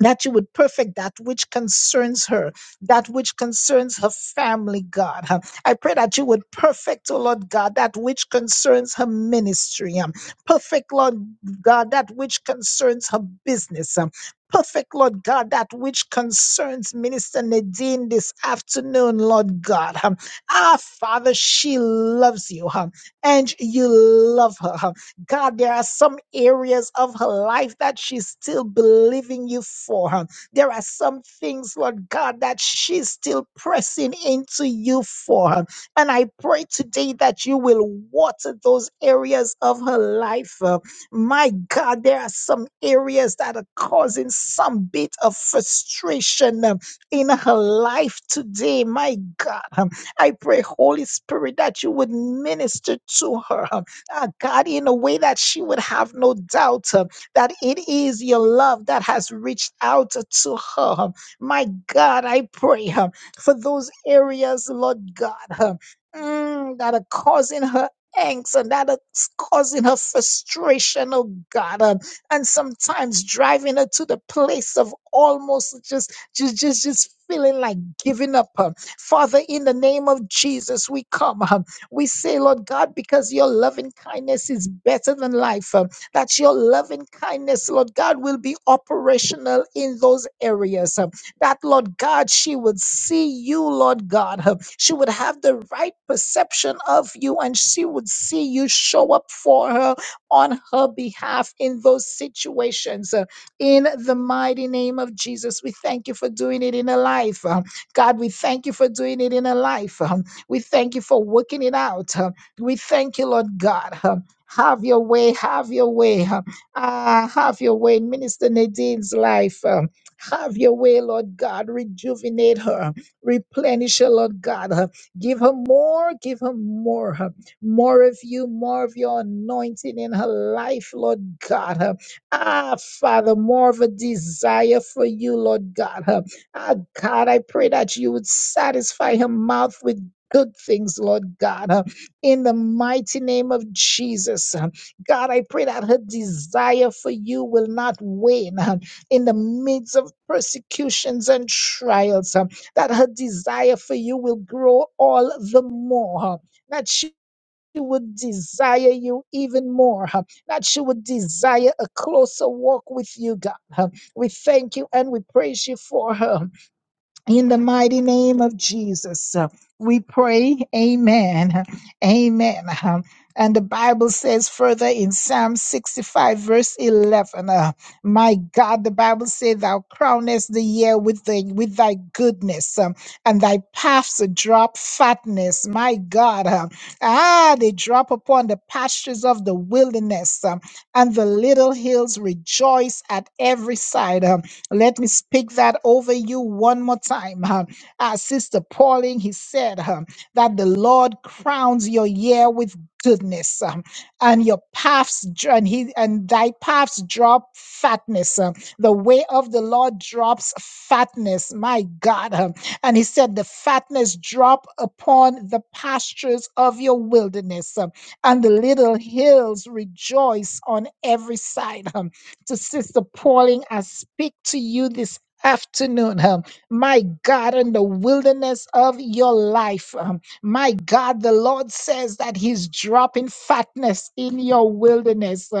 A: that you would perfect that which concerns her, that which concerns her family, God. Um, I pray that you would perfect, oh Lord God, that which concerns her ministry. um, Perfect, Lord God, that which concerns her business. um, Perfect, Lord God, that which concerns Minister Nadine this afternoon, Lord God. Um, Our Father, she loves you, um, and you love her. huh? God, there are some areas of her life that she's still believing you for. huh? There are some things, Lord God, that she's still pressing into you for. huh? And I pray today that you will water those areas of her life. uh, My God, there are some areas that are causing some bit of frustration um, in her life today. My God, um, I pray, Holy Spirit, that you would minister to her. um, uh, God, in a way that she would have no doubt uh, that it is your love that has reached out to her. My God, I pray uh, for those areas, Lord God, uh, mm, that are causing her. Angst and that are causing her frustration, oh God, uh, and sometimes driving her to the place of almost just, just, just, just feeling like giving up. uh. Father, in the name of Jesus, we come. uh, we say, Lord God, because your loving kindness is better than life, um, that your loving kindness, Lord God, will be operational in those areas. um, That, Lord God, she would see you, Lord God. um, She would have the right perception of you and she would see you show up for her on her behalf in those situations. uh, In the mighty name of Jesus, we thank you for doing it in a life. um, God, we thank you for doing it in a life. uh, we thank you for working it out. huh. We thank you, Lord God. huh. Have your way, have your way. huh. Ah, have your way in Minister Nadine's life. um, Have your way, Lord God. Rejuvenate her, replenish her, Lord God. huh. Give her more, give her more, huh. more of you, more of your anointing in her life, Lord God. huh. Ah, Father, more of a desire for you, Lord God. huh. Ah, God, I pray that you would satisfy her mouth with good things, Lord God, uh, in the mighty name of Jesus. Uh, God, I pray that her desire for you will not wane uh, in the midst of persecutions and trials, uh, that her desire for you will grow all the more, uh, that she would desire you even more, uh, that she would desire a closer walk with you, God. uh. We thank you and we praise you for her. In the mighty name of Jesus, uh, we pray, Amen, Amen. Um, And the Bible says further in Psalm 65, verse 11, uh, My God, the Bible says, Thou crownest the year with, thy with thy goodness, um, and thy paths drop fatness. My God, uh, ah, they drop upon the pastures of the wilderness, um, and the little hills rejoice at every side. um, let me speak that over you one more time. huh. As Sister Pauling, he said huh, that the Lord crowns your year with goodness um, and your paths dr- and he and thy paths drop fatness um, the way of the lord drops fatness my god um, and he said the fatness drop upon the pastures of your wilderness um, and the little hills rejoice on every side. huh to Sister Pauline. I speak to you this afternoon, um, my God, in the wilderness of your life. um, my God, the Lord says that He's dropping fatness in your wilderness. huh?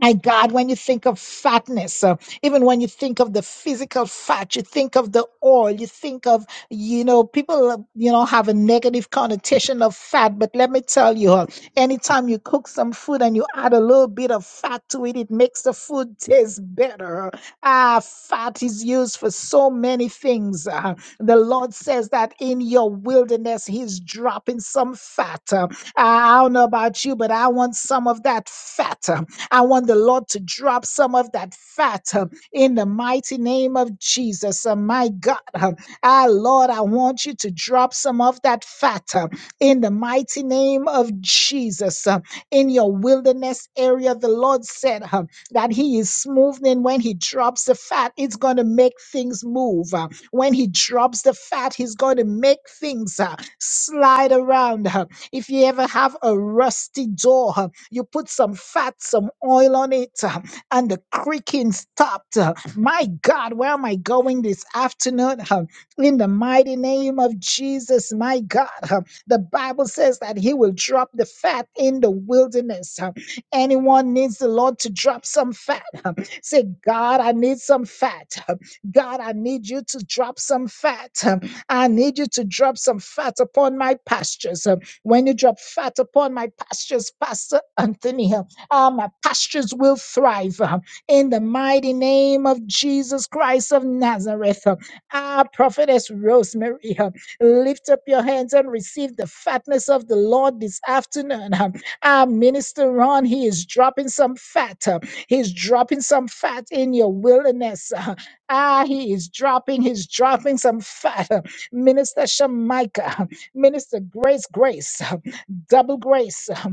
A: My God, when you think of fatness, uh, even when you think of the physical fat, you think of the oil, you think of, you know, people, uh, you know, have a negative connotation of fat. But let me tell you, uh, anytime you cook some food and you add a little bit of fat to it, it makes the food taste better. Ah, fat is used for so many things. uh, the Lord says that in your wilderness, He's dropping some fat. uh, I I don't know about you, but I want some of that fat. uh, I want the Lord to drop some of that fat um, in the mighty name of Jesus. Uh, My God, um, ah, Lord, I want you to drop some of that fat um, in the mighty name of Jesus. Um, In your wilderness area, the Lord said um, that He is smoothing when He drops the fat, it's going to make things move. Uh, When He drops the fat, He's going to make things uh, slide around. Uh, If you ever have a rusty door, uh, you put some fat, some oil on it, uh, and the creaking stopped. uh. My God, where am I going this afternoon? Uh, In the mighty name of Jesus, my God. uh, The Bible says that He will drop the fat in the wilderness. uh. Anyone needs the Lord to drop some fat. uh, Say, God, I need some fat. uh. God, I need you to drop some fat. uh. I need you to drop some fat upon my pastures. Uh, when you drop fat upon my pastures, Pastor Anthony, uh, my pastures will thrive. uh, In the mighty name of Jesus Christ of Nazareth, Uh, ah, prophetess Rosemary, uh, lift up your hands and receive the fatness of the Lord this afternoon. Uh, Ah, Minister Ron, he is dropping some fat. uh, He's dropping some fat in your wilderness. uh, Ah, he is dropping, he's dropping some fat. uh, Minister Shamika. Minister Grace Grace, double grace,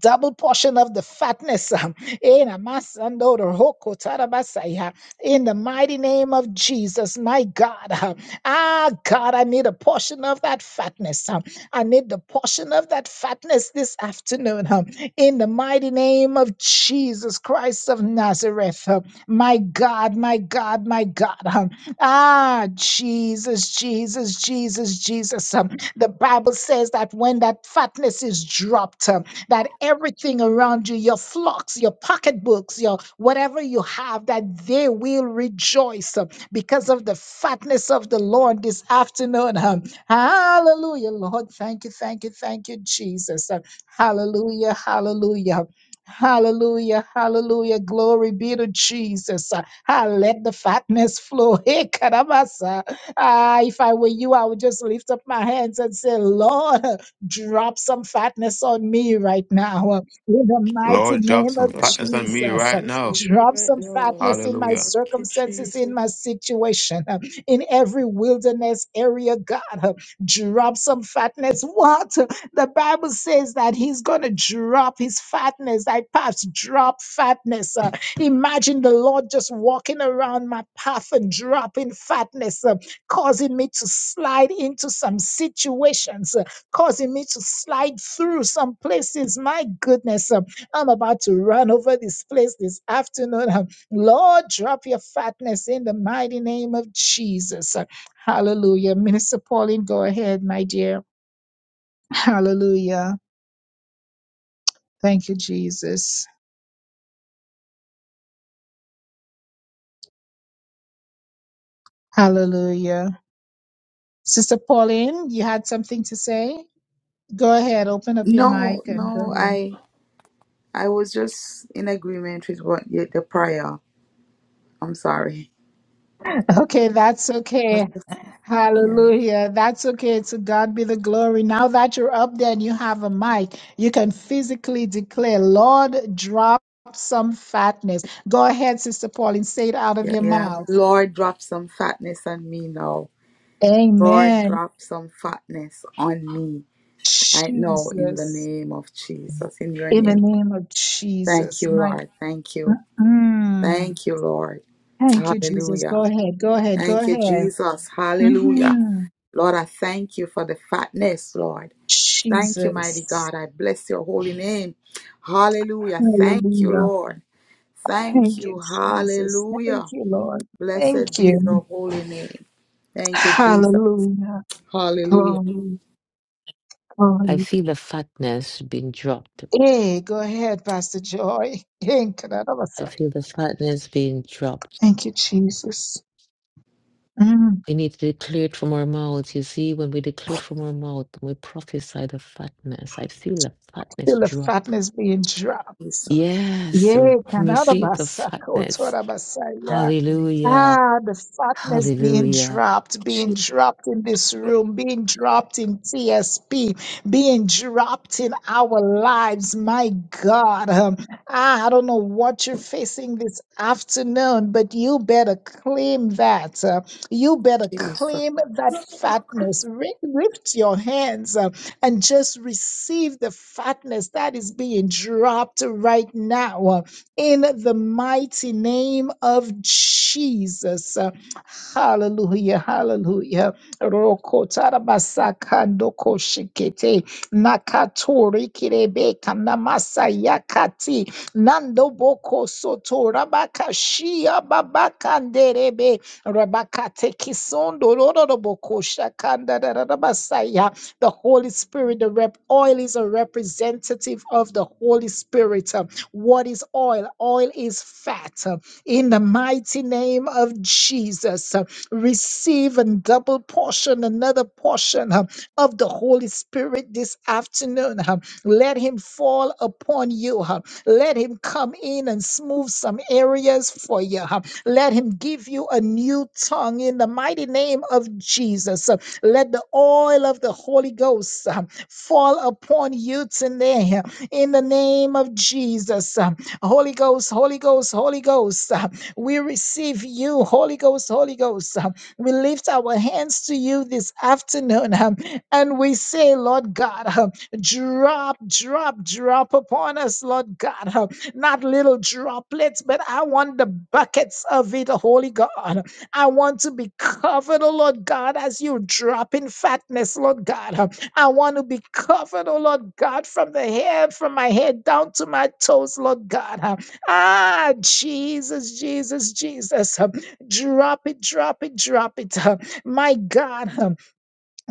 A: double portion of the fatness um, in Amasando Roko Tarabasaya, in the mighty name of Jesus, my God. uh, Ah, God, I need a portion of that fatness. um, I need the portion of that fatness this afternoon um, in the mighty name of Jesus Christ of Nazareth. um, My God, my God, my God. um, Ah, Jesus, Jesus, Jesus, Jesus. um, The Bible says that when that fatness is dropped, um, that everything around you, your flocks, your pocketbooks, your whatever you have, that they will rejoice uh, because of the fatness of the Lord this afternoon. huh. Hallelujah, Lord. Thank you, thank you, thank you, Jesus. Uh, Hallelujah, hallelujah. Hallelujah, hallelujah. Glory be to Jesus. Uh, Ah, let the fatness flow. Hey, Kadabasa. Ah, if I were you, I would just lift up my hands and say, Lord. Drop some fatness on me right now. uh, In the mighty
D: Lord, drop
A: name
D: some
A: of
D: Lord, partners drop on me
A: Jesus, Uh,
D: right partners now.
A: drop some fatness in my
D: Hallelujah.
A: circumstances, in my situation, uh, in every wilderness area, God. uh, Drop some fatness. What? The Bible says that He's going to drop His fatness. Thy paths drop fatness. uh, Imagine the Lord just walking around my path and dropping fatness, uh, causing me to slide into some situations. uh, causing me to slide through some places. My goodness, um, I'm about to run over this place this afternoon. Um, Lord, drop your fatness in the mighty name of Jesus. Uh, Hallelujah. Minister Pauline, go ahead, my dear. Hallelujah. Thank you, Jesus. Hallelujah. Sister Pauline, you had something to say? Go ahead, open up your
E: No,
A: mic and go
E: no,
A: ahead.
E: I I was just in agreement with what yeah, the prayer. I'm sorry.
A: Okay, that's
E: I was
A: okay.
E: just- Yeah,
A: Hallelujah. That's okay. To God be the glory. Now that you're up there and you have a mic, you can physically declare, Lord, drop some fatness. Go ahead, Sister Pauline, say it out of
E: yeah,
A: your
E: yeah.
A: mouth.
E: Lord, drop some fatness on me now. Lord,
A: Amen.
E: drop some fatness on me right now in the
A: Jesus.
E: name of Jesus. In your
A: In the
E: name,
A: name of
E: thank
A: Jesus.
E: you,
A: My
E: Lord. Thank you,
A: mm,
E: thank you, Lord.
A: thank you, Jesus. Go
E: Hallelujah.
A: ahead. Go ahead. Go
E: Thank you,
A: ahead.
E: Jesus. Hallelujah.
A: hmm
E: Lord, I thank you for the fatness, Lord. Thank you, mighty
A: Jesus.
E: God. I bless your holy name. Hallelujah. Thank you,
A: Hallelujah.
E: Lord. Thank
A: Thank you,
E: you.
A: Jesus. Thank
E: Hallelujah.
A: you, Lord.
E: Blessed
A: Thank
E: be your
A: you.
E: holy name. Thank you, Jesus.
A: Hallelujah.
E: Hallelujah.
A: Glory,
C: I
A: glory.
C: feel the fatness being dropped.
A: Hey, go ahead, Pastor Joy. Thank
C: I feel the fatness being dropped.
A: you, Jesus. Mm.
C: We need to declare it from our mouths. You see, when we declare from our mouth, we prophesy the fatness. I feel the fatness
A: Feel the
C: drop.
A: fatness being dropped.
E: Jesus.
C: Yes,
A: Yeah,
C: receive the
A: Kanarabasa,
C: fatness.
E: Mighty God.
C: Hallelujah.
A: Ah, the fatness being
C: Hallelujah.
A: dropped, being dropped in this room, being dropped in TSP, being dropped in our lives. My God. Um, ah, I don't know what you're facing this afternoon, but you better claim that. Uh, you better
E: Jesus.
A: claim that fatness. Ri- Lift your hands uh, and just receive the fatness that is being dropped right now. Uh, in the mighty name of Jesus. Hallelujah, hallelujah. Rokotarabasakandokoshikiete, nakatorikirebe, kanamasayakati, nandoboko the Holy Spirit, the rep oil is a representative of the Holy Spirit. What is oil? Oil is fat. In the mighty name of Jesus, receive a double portion, another portion uh, of the Holy Spirit this afternoon. uh. Let Him fall upon you. uh. Let Him come in and smooth some areas for you. uh. Let Him give you a new tongue in the mighty name of Jesus. uh. Let the oil of the Holy Ghost uh, fall upon you today in the name of Jesus. Uh, Holy Ghost, Holy Ghost, Holy Ghost, uh, we receive you, Holy Ghost, Holy Ghost. Uh, We lift our hands to you this afternoon um, and we say, Lord God, uh, drop, drop, drop upon us, Lord God. uh, Not little droplets, but I want the buckets of it, Holy God. I want to be covered, oh Lord God, as you drop in fatness, Lord God. I want to be covered, oh Lord God, from the head, from my head down to my toes, Lord God. huh. Ah, Jesus, Jesus, Jesus. huh. Drop it, drop it, drop it. huh. My God.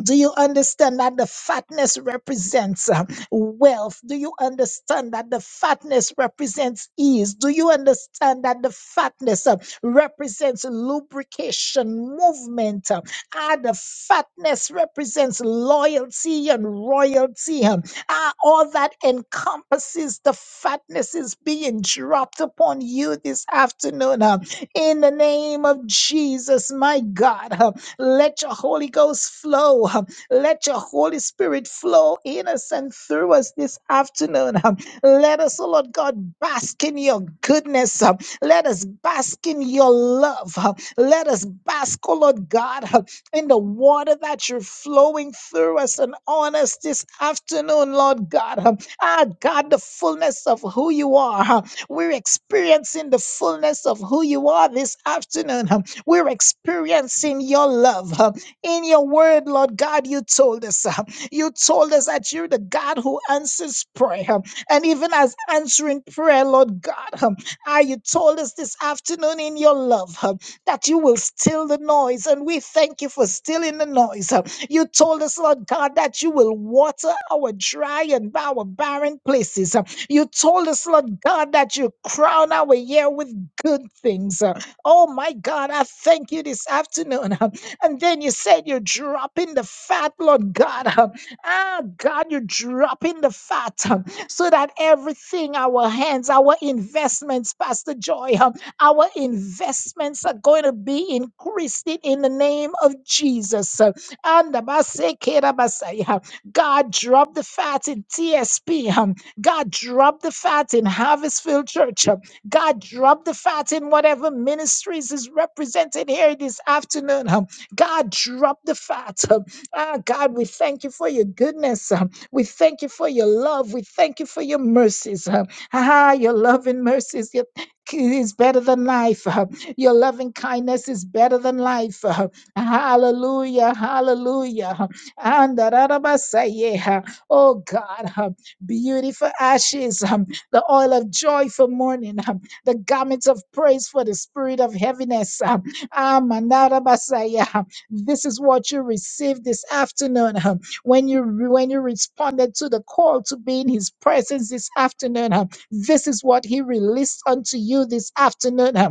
A: Do you understand that the fatness represents uh, wealth? Do you understand that the fatness represents ease? Do you understand that the fatness uh, represents lubrication, movement? Uh, ah, the fatness represents loyalty and royalty. Um, ah, all that encompasses the fatness is being dropped upon you this afternoon. uh, in the name of Jesus, my God. Uh, let your Holy Ghost flow. Let your Holy Spirit flow in us and through us this afternoon. Let us, oh Lord God, bask in your goodness. Let us bask in your love. Let us bask, oh Lord God, in the water that you're flowing through us and on us this afternoon, Lord God. Ah, God, the fullness of who you are. We're experiencing the fullness of who you are this afternoon. We're experiencing your love. uh, In your word, Lord God, you told us. uh, You told us that you're the God who answers prayer. um, And even as answering prayer, Lord God, um, ah, you told us this afternoon in your love um, that you will still the noise. And we thank you for stilling the noise. um. You told us, Lord God, that you will water our dry and our barren places. um. You told us, Lord God, that you crown our year with good things. huh? Oh my God, I thank you this afternoon. And then you said you're dropping the fat, Lord God. Ah, God, you're dropping the fat so that everything, our hands, our investments, Pastor Joy, our investments are going to be increased in the name of Jesus. uh, And the Basai Kera Basai, uh, God, drop the fat in TSP. um, God, drop the fat in Harvestfield Church. God, drop the fat in whatever ministries is represented here this afternoon. Um, God, drop the fat. Um, Ah, God, we thank you for your goodness. Um, We thank you for your love. We thank you for your mercies. Um, Ah, your love and mercies your, is better than life. Um, Your loving kindness is better than life. Um, Hallelujah, hallelujah. Um, and da- da- da- ba- say, yeah. huh? Oh God, um, beauty for ashes, um, the oil of joy for mourning the garments of praise for the spirit of heaviness. Um, ah, Manara Basaya. This is what you received this afternoon um, when you when you responded to the call to be in His presence this afternoon. um, This is what He released unto you this afternoon. um,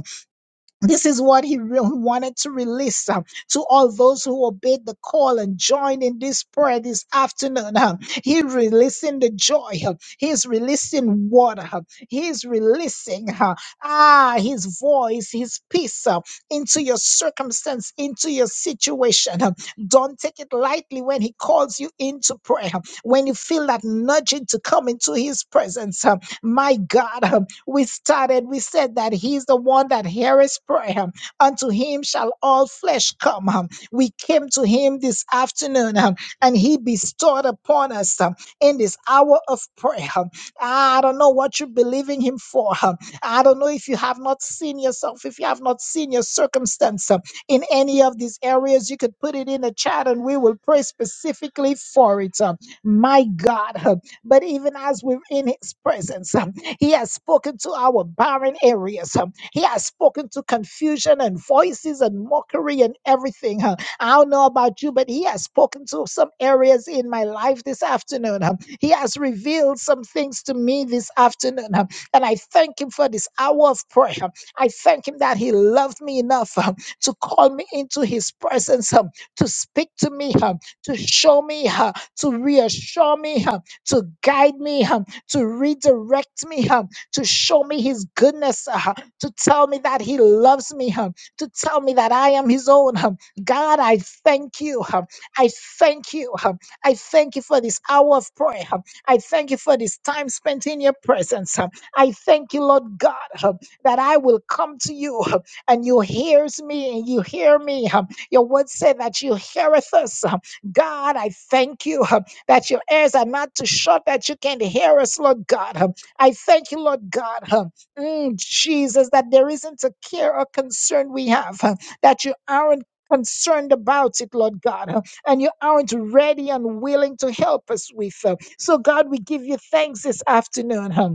A: this is what he re- wanted to release um, to all those who obeyed the call and joined in this prayer this afternoon. um. He releasing the joy. um, He's releasing water. um, He's releasing uh, ah his voice, his peace um, into your circumstance, into your situation. um. Don't take it lightly when he calls you into prayer. um, When you feel that nudging to come into his presence, um, my God, uh, we started, we said that he's the one that heareth prayer. Unto him shall all flesh come. Um, We came to him this afternoon um, and he bestowed upon us um, in this hour of prayer. Um, I don't know what you believe in him for. um, I don't know if you have not seen yourself, if you have not seen your circumstance um, in any of these areas, you could put it in the chat and we will pray specifically for it. um, My God. um, But even as we're in his presence, um, he has spoken to our barren areas. huh. He has spoken to confusion and voices and mockery and everything. huh. I don't know about you, but He has spoken to some areas in my life this afternoon. huh. He has revealed some things to me this afternoon. huh. And I thank Him for this hour of prayer. huh. I thank Him that He loved me enough huh, to call me into His presence, huh, to speak to me, huh, to show me, huh, to reassure me, huh, to guide me. huh, to redirect me, huh, to show me his goodness, uh, huh, to tell me that he loves me, huh, to tell me that I am his own. huh. God, I thank you. huh. I thank you. huh. I thank you for this hour of prayer. huh. I thank you for this time spent in your presence. huh. I thank you, Lord God, huh, that I will come to you huh, and you hears me and you hear me. huh. Your word said that you heareth us. huh. God, I thank you. uh, that your ears are not too short that you can hear us, Lord God. Um, I thank you, Lord God, um, mm, Jesus, that there isn't a care or concern we have, um, that you aren't concerned about it, Lord God, um, and you aren't ready and willing to help us with. um. So, God, we give you thanks this afternoon. um,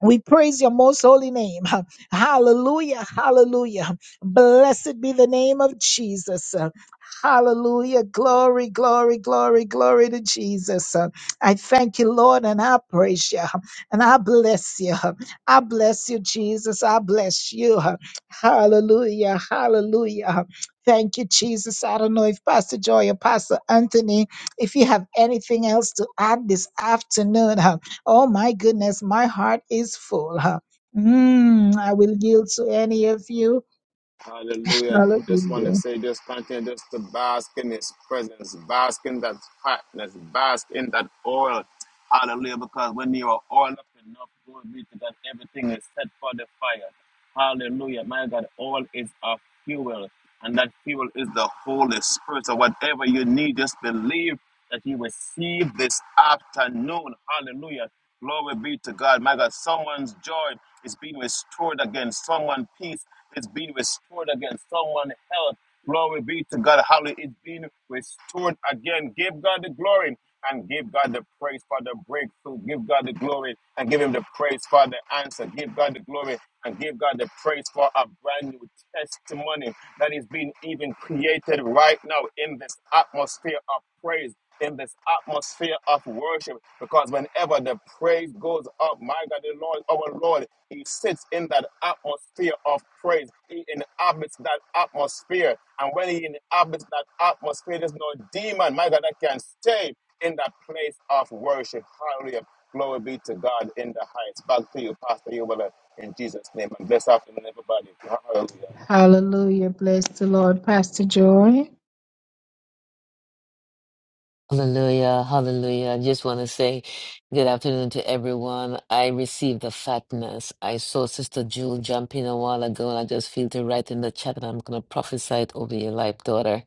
A: we praise your most holy name. Hallelujah. Hallelujah. Blessed be the name of Jesus. Hallelujah. Glory, glory, glory, glory to Jesus. I thank you, Lord, and I praise you. And I bless you. I bless you, Jesus. I bless you. Hallelujah. Hallelujah. Thank you, Jesus. I don't know if Pastor Joy or Pastor Anthony, if you have anything else to add this afternoon, Oh my goodness, my heart is full. Huh? Mm, I will yield to any of you.
D: Hallelujah. Just want to
A: Hallelujah.
D: say, just continue just to bask in His presence, bask in that fatness, bask in that oil. Hallelujah. Because when you are oiled up enough, glory be to God, everything is set for the fire. Hallelujah. My God, oil is a fuel, and that fuel is the Holy Spirit. So whatever you need, just believe that you receive this afternoon. Hallelujah. Glory be to God. My God, someone's joy. It's being restored again. someone peace. It's being restored again. someone health. Glory be to God. Hallelujah. It's being restored again. Give God the glory and give God the praise for the breakthrough. Give God the glory and give him the praise for the answer. Give God the glory and give God the praise for a brand new testimony that is being even created right now in this atmosphere of praise, in this atmosphere of worship. Because whenever the praise goes up, my God, the Lord, our Lord. He sits in that atmosphere of praise. He inhabits that atmosphere. And when he inhabits that atmosphere, there's no demon, my God, that can stay in that place of worship. Hallelujah. Glory be to God in the highest. Back to you, Pastor Yubala, in Jesus' name. And bless afternoon, everybody. Hallelujah.
A: Hallelujah. Bless the Lord, Pastor Joy.
C: Hallelujah, hallelujah. I just want to say good afternoon to everyone. I received the fatness. I saw Sister Jewel jump in a while ago, and I just feel to write in the chat, and I'm going to prophesy it over your life, daughter.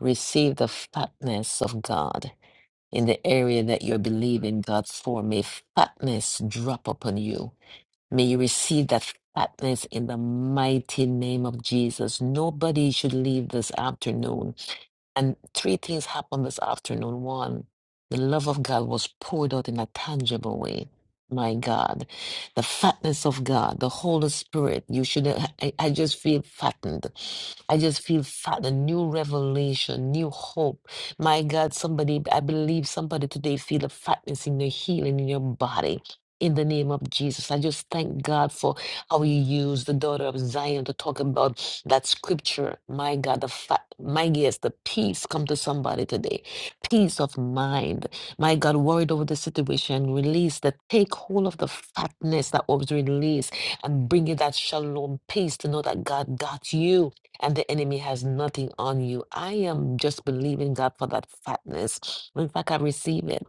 C: Receive the fatness of God in the area that you're believing God for. May fatness drop upon you. May you receive that fatness in the mighty name of Jesus. Nobody should leave this afternoon. And three things happened this afternoon. One, the love of God was poured out in a tangible way. My God, the fatness of God, the Holy Spirit. You should. I, I just feel fattened. I just feel fat, a new revelation, new hope. My God, somebody, I believe somebody today feel the fatness in your healing in your body in the name of Jesus. I just thank God for how you use the daughter of Zion to talk about that scripture. My God, the fa- my yes, the peace come to somebody today. Peace of mind. My God, worried over the situation, release the take hold of the fatness that was released and bring you that shalom peace to know that God got you and the enemy has nothing on you. I am just believing God for that fatness. In fact, I receive it.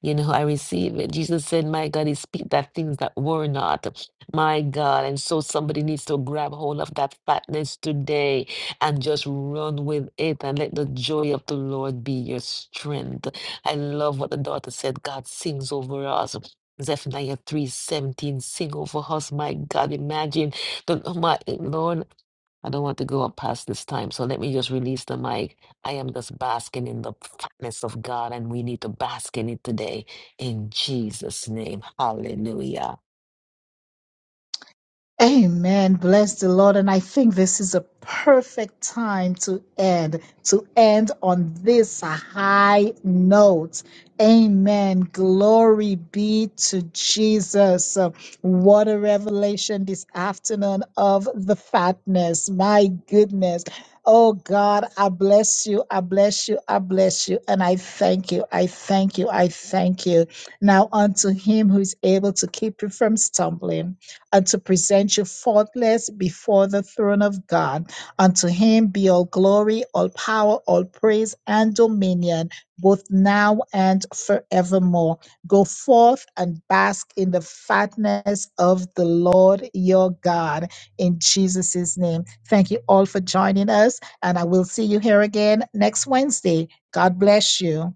C: You know, I receive it. Jesus said, My God, He speak that things that were not. My God. And so somebody needs to grab hold of that fatness today and just run with it and let the joy of the Lord be your strength. I love what the daughter said. God sings over us. Zephaniah 3 17, sing over us, my God. Imagine the oh my Lord. I don't want to go up past this time, so let me just release the mic. I am just basking in the fatness of God, and we need to bask in it today in Jesus' name. Hallelujah.
A: Amen. Bless the Lord. And I think this is a perfect time to end, to end on this high note. Amen. Glory be to Jesus. Uh, What a revelation this afternoon of the fatness. My goodness. Oh God, I bless you. I bless you. I bless you. And I thank you. I thank you. I thank you. Now unto him who is able to keep you from stumbling and to present you faultless before the throne of God. Unto him be all glory, all power, all praise, and dominion, both now and forevermore. Go forth and bask in the fatness of the Lord your God in Jesus' name. Thank you all for joining us, and I will see you here again next Wednesday. God bless you.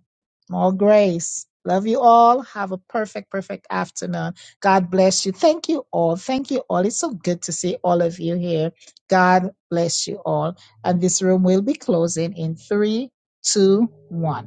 A: More grace. Love you all. Have a perfect, perfect afternoon. God bless you. Thank you all. Thank you all. It's so good to see all of you here. God bless you all. And this room will be closing in three, two, one.